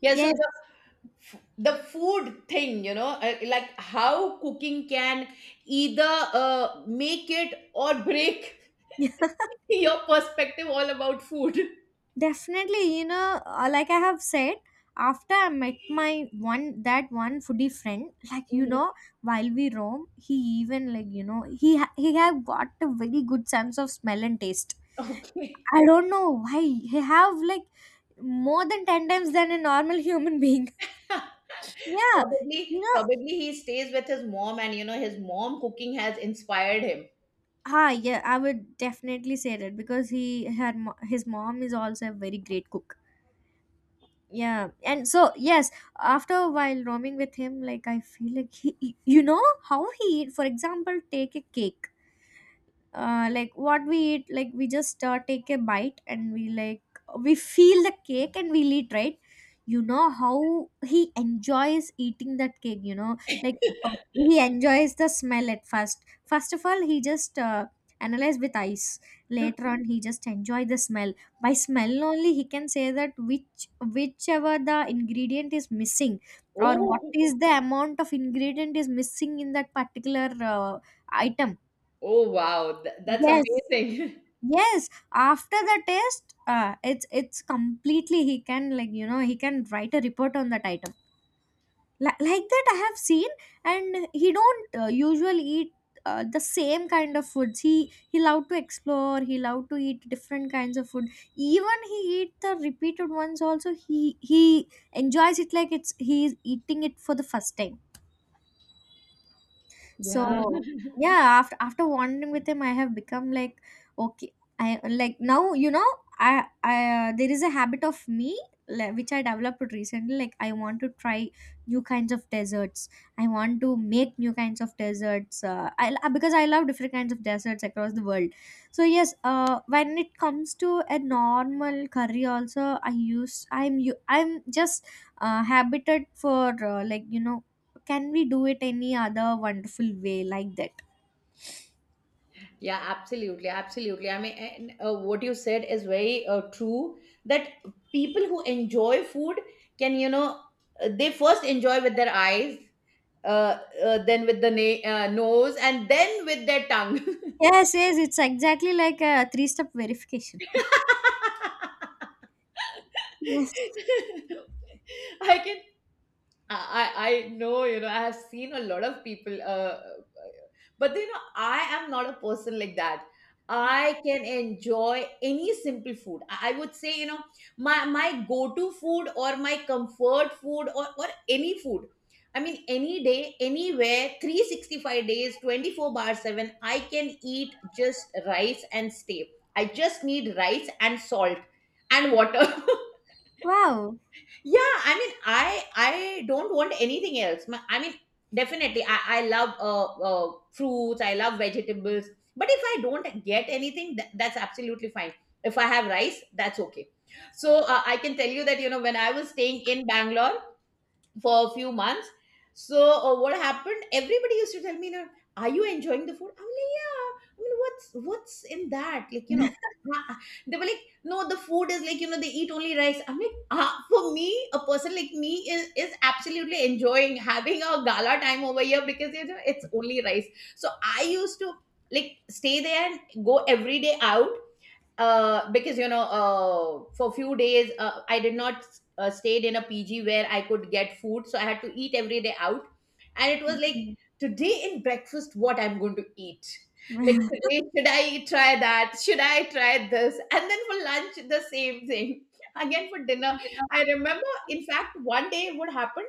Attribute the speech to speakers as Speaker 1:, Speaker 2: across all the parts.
Speaker 1: Yeah, so
Speaker 2: Yes,
Speaker 1: the food thing, you know, like how cooking can either make it or break
Speaker 2: yeah,
Speaker 1: your perspective all about food.
Speaker 2: definitely. You know, like I have said, after I met my one that one foodie friend, like
Speaker 1: Mhm.
Speaker 2: while we roam, he even, like he have got a very good sense of smell and taste.
Speaker 1: Okay.
Speaker 2: I don't know why he have like more than 10 times than a normal human being. Yeah,
Speaker 1: Probably,
Speaker 2: you know,
Speaker 1: probably he stays with his mom, and you know, his mom cooking has inspired him.
Speaker 2: yeah, I would definitely say that because his mom is also a very great cook. Yeah, and so yes, after a while roaming with him, like I feel like he, you know how he, for example, take a cake, like what we eat, like we just take a bite, and we like, we feel the cake and we'll eat, right? You know how he enjoys eating that cake. Like, but he enjoys the smell at first. First of all, he just analyze with eyes. Later on, he just enjoy the smell. By smell only, he can say that which whichever the ingredient is missing, or what
Speaker 1: Oh,
Speaker 2: is the amount of ingredient is missing in that particular item.
Speaker 1: oh wow, that's
Speaker 2: Yes.
Speaker 1: amazing.
Speaker 2: Yes, after the test, it's completely, he can, like he can write a report on that item, like that I have seen. And he don't usually eat the same kind of foods. He love to explore, he love to eat different kinds of food. Even he eat the repeated ones also, he enjoys it like it's he is eating it for the first time.
Speaker 1: Yeah.
Speaker 2: So, yeah, after wandering with him, I have become like, okay. I like now, I there is a habit of me, like, which I developed recently. Like, I want to try new kinds of desserts. I want to make new kinds of desserts. I because I love different kinds of desserts across the world. So, yes, when it comes to a normal curry, also I'm just habited for like can we do it any other wonderful way like that?
Speaker 1: Yeah, absolutely. I mean, and, what you said is very true that people who enjoy food can, you know, they first enjoy with their eyes, uh, then with the nose, and then with their tongue.
Speaker 2: Yes, yes, it's exactly like a three step verification. Yes.
Speaker 1: I can I know, you know, I have seen a lot of people, but you know, I am not a person like that. I can enjoy any simple food. I would say, you know, my go-to food or my comfort food, or any food. I mean, any day, anywhere, 365 days, 24 bar 7, I can eat just rice and stay. I just need rice and salt and water.
Speaker 2: Wow.
Speaker 1: Yeah, I mean, I don't want anything else. I mean, definitely, I love fruits. I love vegetables. But if I don't get anything, that's absolutely fine. If I have rice, that's okay. So I can tell you that you know when I was staying in Bangalore, for a few months. So what happened? Everybody used to tell me, you know, are you enjoying the food? I'm like, yeah. I mean, what's in that? Like, you know, "Ah." They were like, no, the food is like, you know, they eat only rice. I'm like, ah, for me, a person like me is absolutely enjoying having a gala time over here because you know it's only rice. So I used to like stay there and go every day out because you know for few days I did not stayed in a PG where I could get food, so I had to eat every day out. And it was like,
Speaker 2: Okay.
Speaker 1: today in breakfast what I'm going to eat, like today should I try that, should I try this, and then for lunch the same thing. Again for dinner, I remember in fact one day what happened,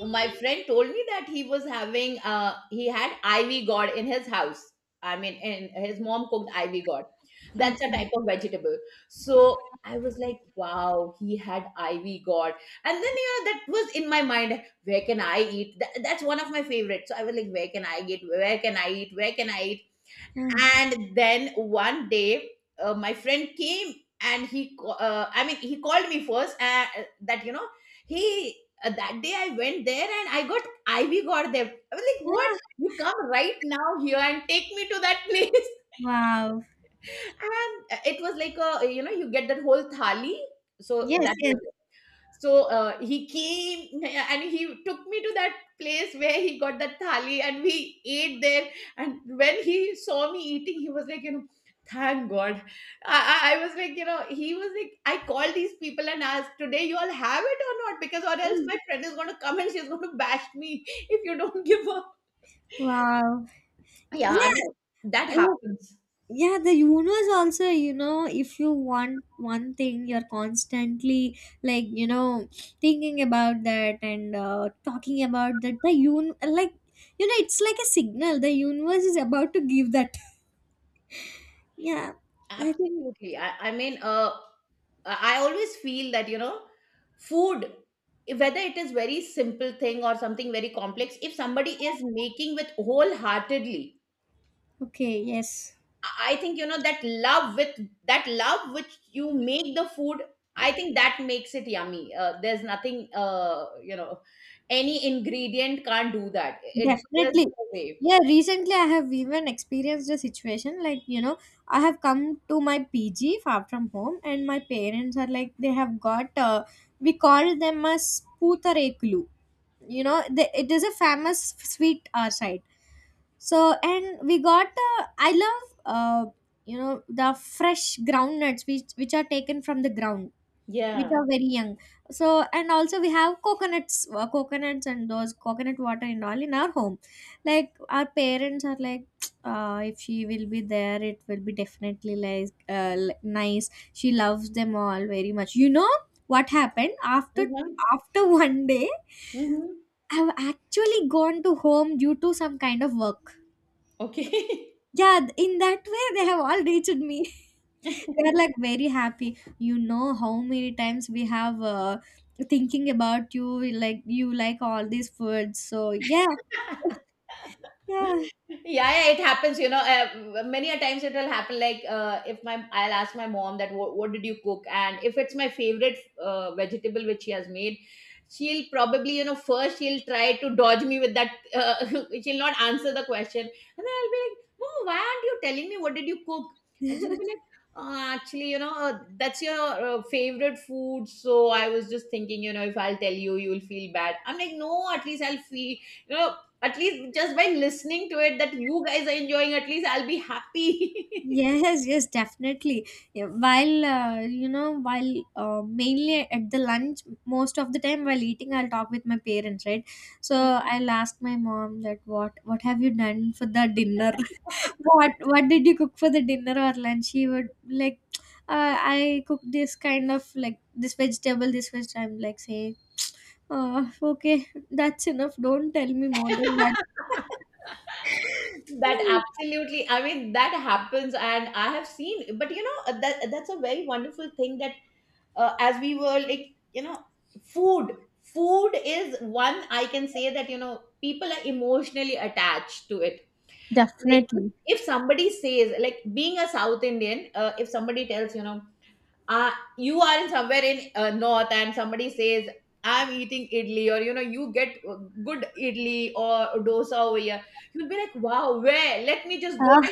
Speaker 1: my friend told me that he was having he had ivy gourd in his house. I mean, and his mom cooked ivy gourd. That's a type
Speaker 2: Okay.
Speaker 1: of vegetable. So I was like, wow, he had ivy gourd. And then you know that was in my mind, where can I eat? That's one of my favorites. So I was like, where can I get, where can I eat, where can I eat?
Speaker 2: Mm.
Speaker 1: And then one day my friend came, and he he called me first, that you know he that day I went there and I got ivy got them. I was like, what?
Speaker 2: Ah.
Speaker 1: You come right now here and take me to that place.
Speaker 2: Wow.
Speaker 1: And it was like a you know you get that whole thali. So
Speaker 2: Yes,
Speaker 1: that
Speaker 2: yes.
Speaker 1: was, so he came and he took me to that place where he got that thali, and we ate there. And when he saw me eating, he was like, you know, thank God. I was like, you know, he was like, I called these people and asked, today you all have it or not? Because or else
Speaker 2: Mm.
Speaker 1: my friend is going to come and she's going to bash me if you don't give her.
Speaker 2: Wow.
Speaker 1: Yeah, I
Speaker 2: Yeah,
Speaker 1: mean, that
Speaker 2: oh,
Speaker 1: happens.
Speaker 2: yeah, the universe also, if you want one thing, you're constantly, like, thinking about that and talking about that. The un like, you know, It's like a signal. The universe is about to give that. Yeah, I think
Speaker 1: Absolutely. I mean, I always feel that, you know, food, whether it is very simple thing or something very complex, if somebody is making with wholeheartedly,
Speaker 2: okay, yes.
Speaker 1: I think, you know, that love with that love which you make the food, I think that makes it yummy. There's nothing, you know, any ingredient can't do that. It just
Speaker 2: Definitely.
Speaker 1: the way.
Speaker 2: Yeah, recently I have even experienced a situation like, I have come to my PG far from home, and my parents are like, they have got we call them as putareklu. You know, they, it is a famous sweet our side. So, and we got I love the fresh ground nuts which are taken from the ground, which
Speaker 1: Yeah.
Speaker 2: are very young. So, and also we have coconuts and those coconut water and all in our home. Like, our parents are like, if she will be there, it will be definitely, like, nice. She loves them all very much, you know. What happened after
Speaker 1: Mm-hmm.
Speaker 2: after one day,
Speaker 1: Mm-hmm.
Speaker 2: I've actually gone to home due to some kind of work.
Speaker 1: Okay.
Speaker 2: Yeah, in that way, they have all reached me. We are like very happy. You know, how many times we have thinking about you. Like you, like all these foods, so yeah. Yeah.
Speaker 1: Yeah, yeah, it happens. You know, many a times it will happen. Like if my I'll ask my mom that what did you cook, and if it's my favorite vegetable which she has made, she'll probably you know first she'll try to dodge me with that. She'll not answer the question, and then I'll be like, Mom, why aren't you telling me what did you cook? And she'll be like. Actually, you know, that's your favorite food. So I was just thinking, you know, if I'll tell you, you'll feel bad. I'm like, no, at least I'll feel, you know, at least just by listening to it that you guys are enjoying, at least I'll be happy.
Speaker 2: Yes, yes, definitely. Yeah, while you know while mainly at the lunch, most of the time while eating, I'll talk with my parents, right? So, I'll ask my mom that what have you done for the dinner? What did you cook for the dinner or lunch? He would like, I cook this kind of, like, this vegetable, this veg. I'm like saying, oh, okay, that's enough, don't tell me more than that.
Speaker 1: That
Speaker 2: Yeah.
Speaker 1: absolutely, I mean, that happens, and I have seen, but you know, that that's a very wonderful thing that as we were like, you know, food, food is one I can say that, you know, people are emotionally attached to it. Like,
Speaker 2: Definitely.
Speaker 1: if somebody says, like, being a South Indian, if somebody tells, you know, uh, you are in somewhere in north and somebody says I'm eating idli, or you know you get good idli or dosa over here, you'll be like wow, where, let me just go.
Speaker 2: Ah,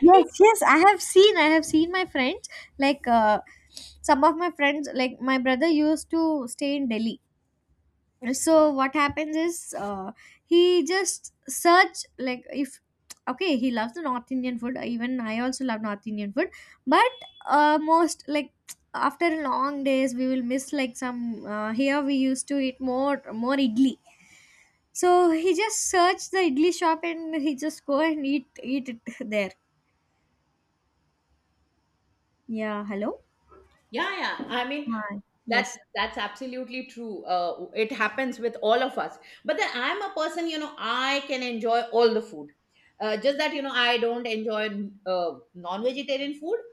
Speaker 2: yes, yes, I have seen. I have seen my friends. Like, some of my friends, like my brother used to stay in Delhi. So what happens is, he just search, like, if okay, he loves the north indian food. Even I also love north indian food. But most, like, after long days, we will miss, like, some here we used to eat more idli. So he just searched the idli shop, and he just go and eat it there. Yeah, hello.
Speaker 1: Yeah, yeah, I mean,
Speaker 2: Hi.
Speaker 1: That's
Speaker 2: Yes.
Speaker 1: that's absolutely true. It happens with all of us. But then I'm a person, you know, I can enjoy all the food. Just that you know, I don't enjoy non-vegetarian food.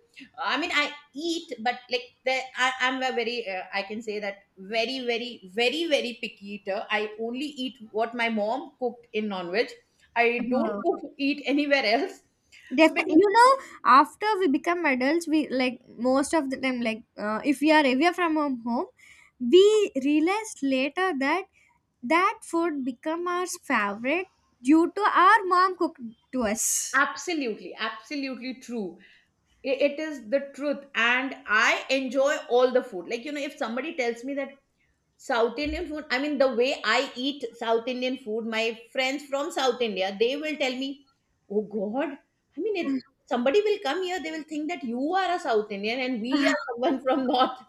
Speaker 1: I mean, I eat, but like the, I'm a very, I can say that very, very, very, very picky eater. I only eat what my mom cooked in non-veg. I don't
Speaker 2: Uh,
Speaker 1: cook, eat anywhere else. So
Speaker 2: Definitely,
Speaker 1: because
Speaker 2: after we become adults, we like most of the time, like, if we are away from our home, we realize later that that food become our favorite due to our mom cooked to us.
Speaker 1: absolutely, absolutely true. It is the truth, and I enjoy all the food. Like you know, if somebody tells me that South Indian food, I mean the way I eat South Indian food, my friends from South India, they will tell me, oh god, I mean it, somebody will come here, they will think that you are a South Indian and we
Speaker 2: Ah,
Speaker 1: are someone from north.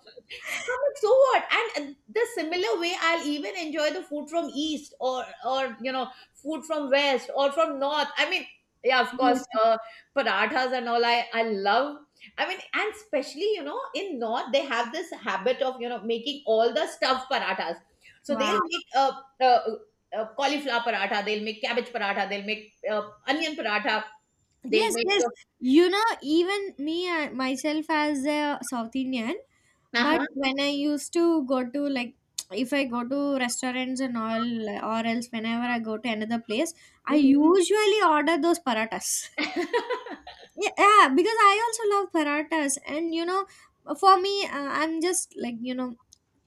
Speaker 1: But so what? And the similar way, I'll even enjoy the food from east, or you know food from west or from north. I mean, yeah, of course,
Speaker 2: yes.
Speaker 1: parathas and all. I love. I mean, and especially you know in north they have this habit of you know making all the stuffed parathas. So
Speaker 2: Wow.
Speaker 1: they'll make uh, cauliflower paratha. They'll make cabbage paratha. They'll make onion paratha. They'll
Speaker 2: Yes,
Speaker 1: make
Speaker 2: yes. You know, even me, myself as a South Indian, but
Speaker 1: uh-huh.
Speaker 2: when I used to go to like, if I go to restaurants and all, or else whenever I go to another place, I
Speaker 1: Mm,
Speaker 2: usually order those paratas. Yeah, yeah, because I also love paratas, and for me, I'm just, like, you know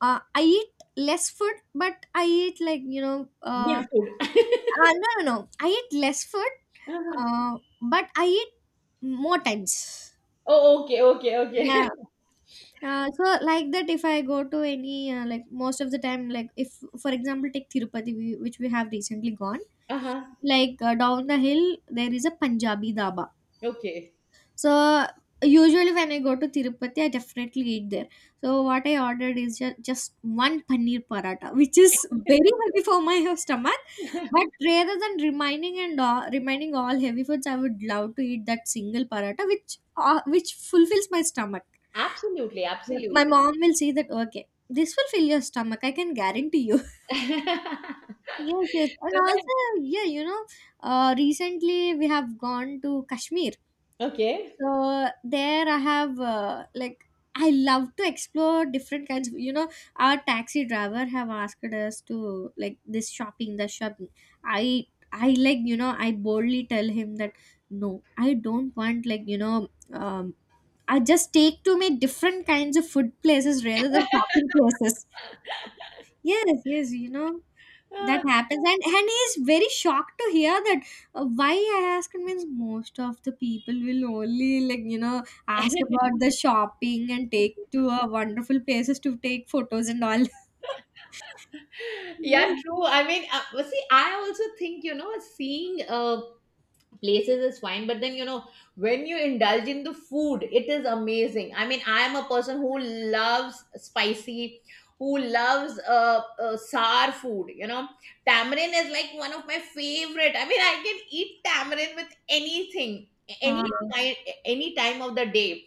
Speaker 2: uh, I eat less food, but I eat, like,
Speaker 1: good food.
Speaker 2: no no no, I eat less food,
Speaker 1: Uh-huh.
Speaker 2: but I eat more times.
Speaker 1: Oh, okay, okay, okay.
Speaker 2: Yeah. So like that, if I go to any like most of the time, like if, for example, take tirupati which we have recently gone,
Speaker 1: uh huh.
Speaker 2: like down the hill, there is a punjabi dhaba.
Speaker 1: Okay.
Speaker 2: So, usually when I go to tirupati, I definitely eat there. So what I ordered is just one paneer paratha, which is very heavy for my stomach. But rather than remaining and all, remaining all heavy foods, I would love to eat that single paratha which fulfills my stomach.
Speaker 1: Absolutely,
Speaker 2: Yeah, my
Speaker 1: absolutely.
Speaker 2: mom will say that, okay, this will fill your stomach, I can guarantee you. Yes, yes. And also,
Speaker 1: So
Speaker 2: yeah, recently we have gone to Kashmir.
Speaker 1: I- okay.
Speaker 2: So there I have, like, I love to explore different kinds of, our taxi driver have asked us to, like, this shopping, the shopping. I, I like, I boldly tell him that, no, I don't want, like, I just take to me different kinds of food places rather than shopping places. Yes, yes, that
Speaker 1: Uh,
Speaker 2: happens, and he is very shocked to hear that. Why I ask him means most of the people will only, like, ask about the shopping and take to wonderful places to take photos and all.
Speaker 1: yeah,
Speaker 2: Yeah.
Speaker 1: true. I mean, well, see, I also think, you know, seeing places is fine, but then you know when you indulge in the food it is amazing. I mean, I am a person who loves spicy, who loves sour food. You know, tamarind is like one of my favorite. I mean, I can eat tamarind with anything, any
Speaker 2: Ah,
Speaker 1: time, any time of the day,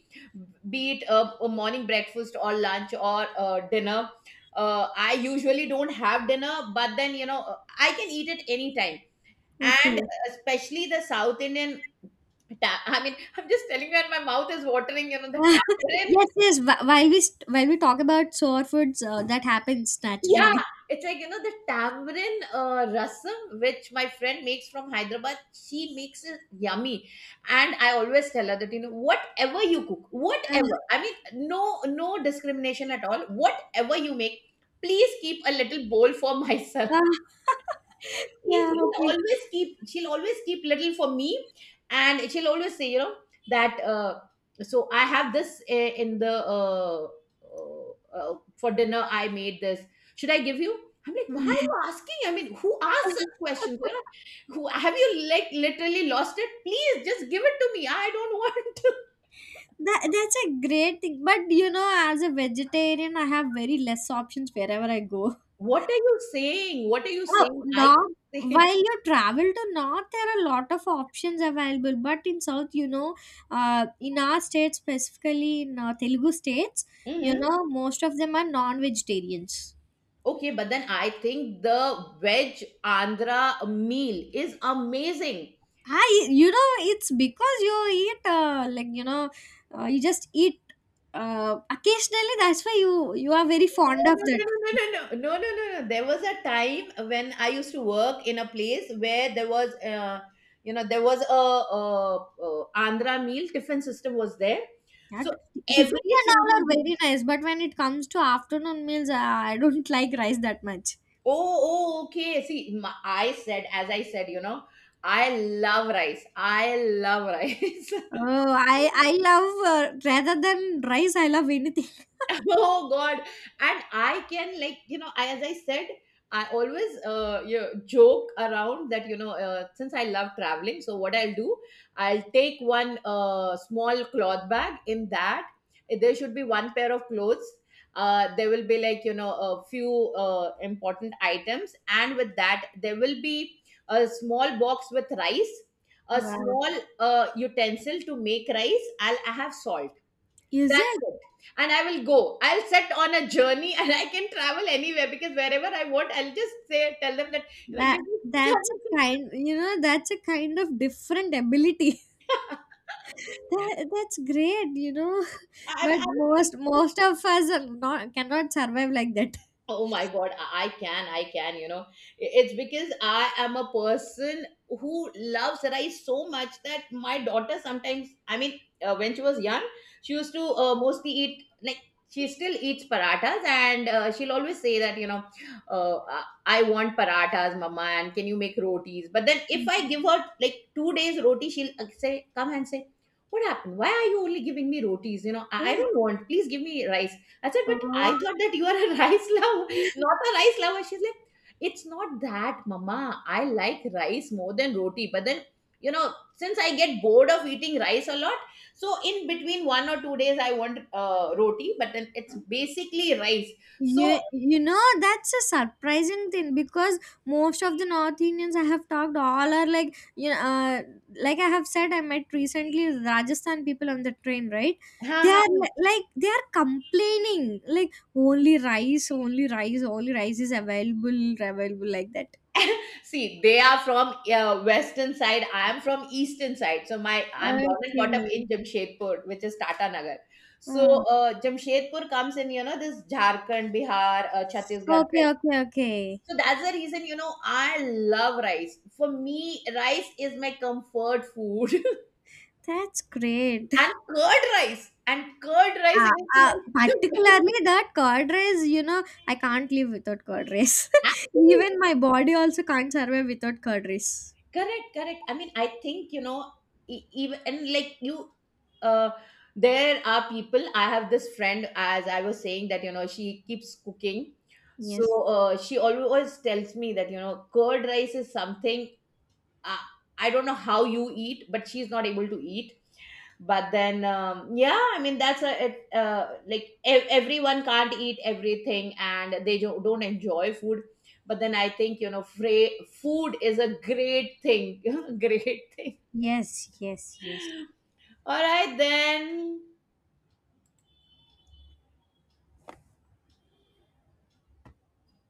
Speaker 1: be it a morning breakfast or lunch or dinner. Uh, I usually don't have dinner, but then you know I can eat it anytime. And
Speaker 2: okay.
Speaker 1: especially the South Indian I mean, I'm just telling you, and my mouth is watering. You know the tamarind.
Speaker 2: Yes, yes. While we talk about sore foods, that happens
Speaker 1: Yeah,
Speaker 2: naturally.
Speaker 1: it's like you know the tamarind rasam, which my friend makes from Hyderabad. She makes it yummy, and I always tell her that you know whatever you cook, whatever. I mean, no discrimination at all. Whatever you make, please keep a little bowl for myself.
Speaker 2: Ah, yeah.
Speaker 1: She'll
Speaker 2: Okay.
Speaker 1: always keep, she'll always keep little for me, and she'll always say you know that so I have this in the uh, uh, for dinner I made this, should I give you? I'm like why are you asking? I mean, who asks such questions, you know? Who have you, like, literally lost it? Please just give it to me. I don't want.
Speaker 2: That's a great thing. But as a vegetarian, I have very less options wherever I go.
Speaker 1: what are you saying what are you
Speaker 2: Oh,
Speaker 1: saying I
Speaker 2: north.
Speaker 1: can say.
Speaker 2: While you travel to north, there are a lot of options available. But in south, in our state, specifically in Telugu states, you
Speaker 1: Mhm.
Speaker 2: know, most of them are non-vegetarians.
Speaker 1: Okay, but then I think the veg Andhra meal is amazing.
Speaker 2: It's because you eat, like, you just eat occasionally. That's why you are very fond
Speaker 1: No,
Speaker 2: of
Speaker 1: no,
Speaker 2: that.
Speaker 1: no, no, no, no, no, no, no, no. There was a time when I used to work in a place where there was, you know, there was a Andhra meal tiffin system was there.
Speaker 2: Yeah,
Speaker 1: So
Speaker 2: tiffins
Speaker 1: every
Speaker 2: and all
Speaker 1: single,
Speaker 2: are
Speaker 1: day-
Speaker 2: very nice, but when it comes to afternoon meals, I don't like rice that much.
Speaker 1: oh, oh, okay. See, my, I said, as I said, you know, I love rice. I love rice.
Speaker 2: Oh, I love rather than rice, I love anything.
Speaker 1: Oh god, and I can like you know I, as I said, I always you know, joke around that you know since I love traveling, so what I'll do, I'll take one small cloth bag. In that there should be one pair of clothes, there will be like you know a few important items, and with that there will be a small box with rice, a
Speaker 2: Wow,
Speaker 1: small utensil to make rice. I have salt.
Speaker 2: is
Speaker 1: That's
Speaker 2: it?
Speaker 1: it. And I will go. I'll set on a journey, and I can travel anywhere because wherever I want, I'll just say, tell them that, you know,
Speaker 2: that
Speaker 1: give me some.
Speaker 2: that's a kind you know that's a kind of different ability. That's great,
Speaker 1: I,
Speaker 2: but
Speaker 1: I,
Speaker 2: most of us are not, cannot survive like that.
Speaker 1: oh my god, I can, I can, you know, it's because I am a person who loves rice so much that my daughter sometimes, I mean when she was young, she used to mostly eat like, she still eats parathas, and she'll always say that you know uh, i I want parathas mama, and can you make rotis? But then if I give her like 2 days roti, she'll say, come and say, what happened, why are you only giving me rotis? You know, I don't want, please give me rice. I said, but I
Speaker 2: Oh.
Speaker 1: thought that you are a rice lover, not a rice lover. She's like, it's not that, Mama. I like rice more than roti. But then, you know, since I get bored of eating rice a lot, so in between 1 or 2 days, I want roti. But then it's basically rice. So,
Speaker 2: You know that's a surprising thing, because most of the north indians I have talked all are like, like I have said, I met recently rajasthan people on the train, right?
Speaker 1: ha
Speaker 2: They
Speaker 1: ha.
Speaker 2: are like, they are complaining like, only rice, only rice, only rice is available like that.
Speaker 1: See, they are from western side. I am from eastern side. So my I'm born and brought up
Speaker 2: Okay.
Speaker 1: in Jamshedpur, which is Tata Nagar. So
Speaker 2: Oh.
Speaker 1: Jamshedpur comes in, you know, this Jharkhand, Bihar, Chhattisgarh
Speaker 2: Okay,
Speaker 1: belt.
Speaker 2: okay, okay.
Speaker 1: So that's the reason, you know, I love rice. For me, rice is my comfort food,
Speaker 2: That's great.
Speaker 1: and curd rice
Speaker 2: Ah,
Speaker 1: is
Speaker 2: ah,
Speaker 1: like the
Speaker 2: particularly that curd rice, you know, I can't live without curd rice.
Speaker 1: best.
Speaker 2: Even my body also can't survive without curd rice.
Speaker 1: Correct, correct, I mean, I think you know, even and like you uh there are people, I have this friend, as I was saying that you know she keeps cooking. So
Speaker 2: Yes.
Speaker 1: she always tells me that you know curd rice is something uh, I don't know how you eat, but she's not able to eat. But then yeah, I mean that's a like everyone can't eat everything and they don't enjoy food. But then I think you know food is a great thing. Great thing.
Speaker 2: Yes, yes, yes.
Speaker 1: All right then.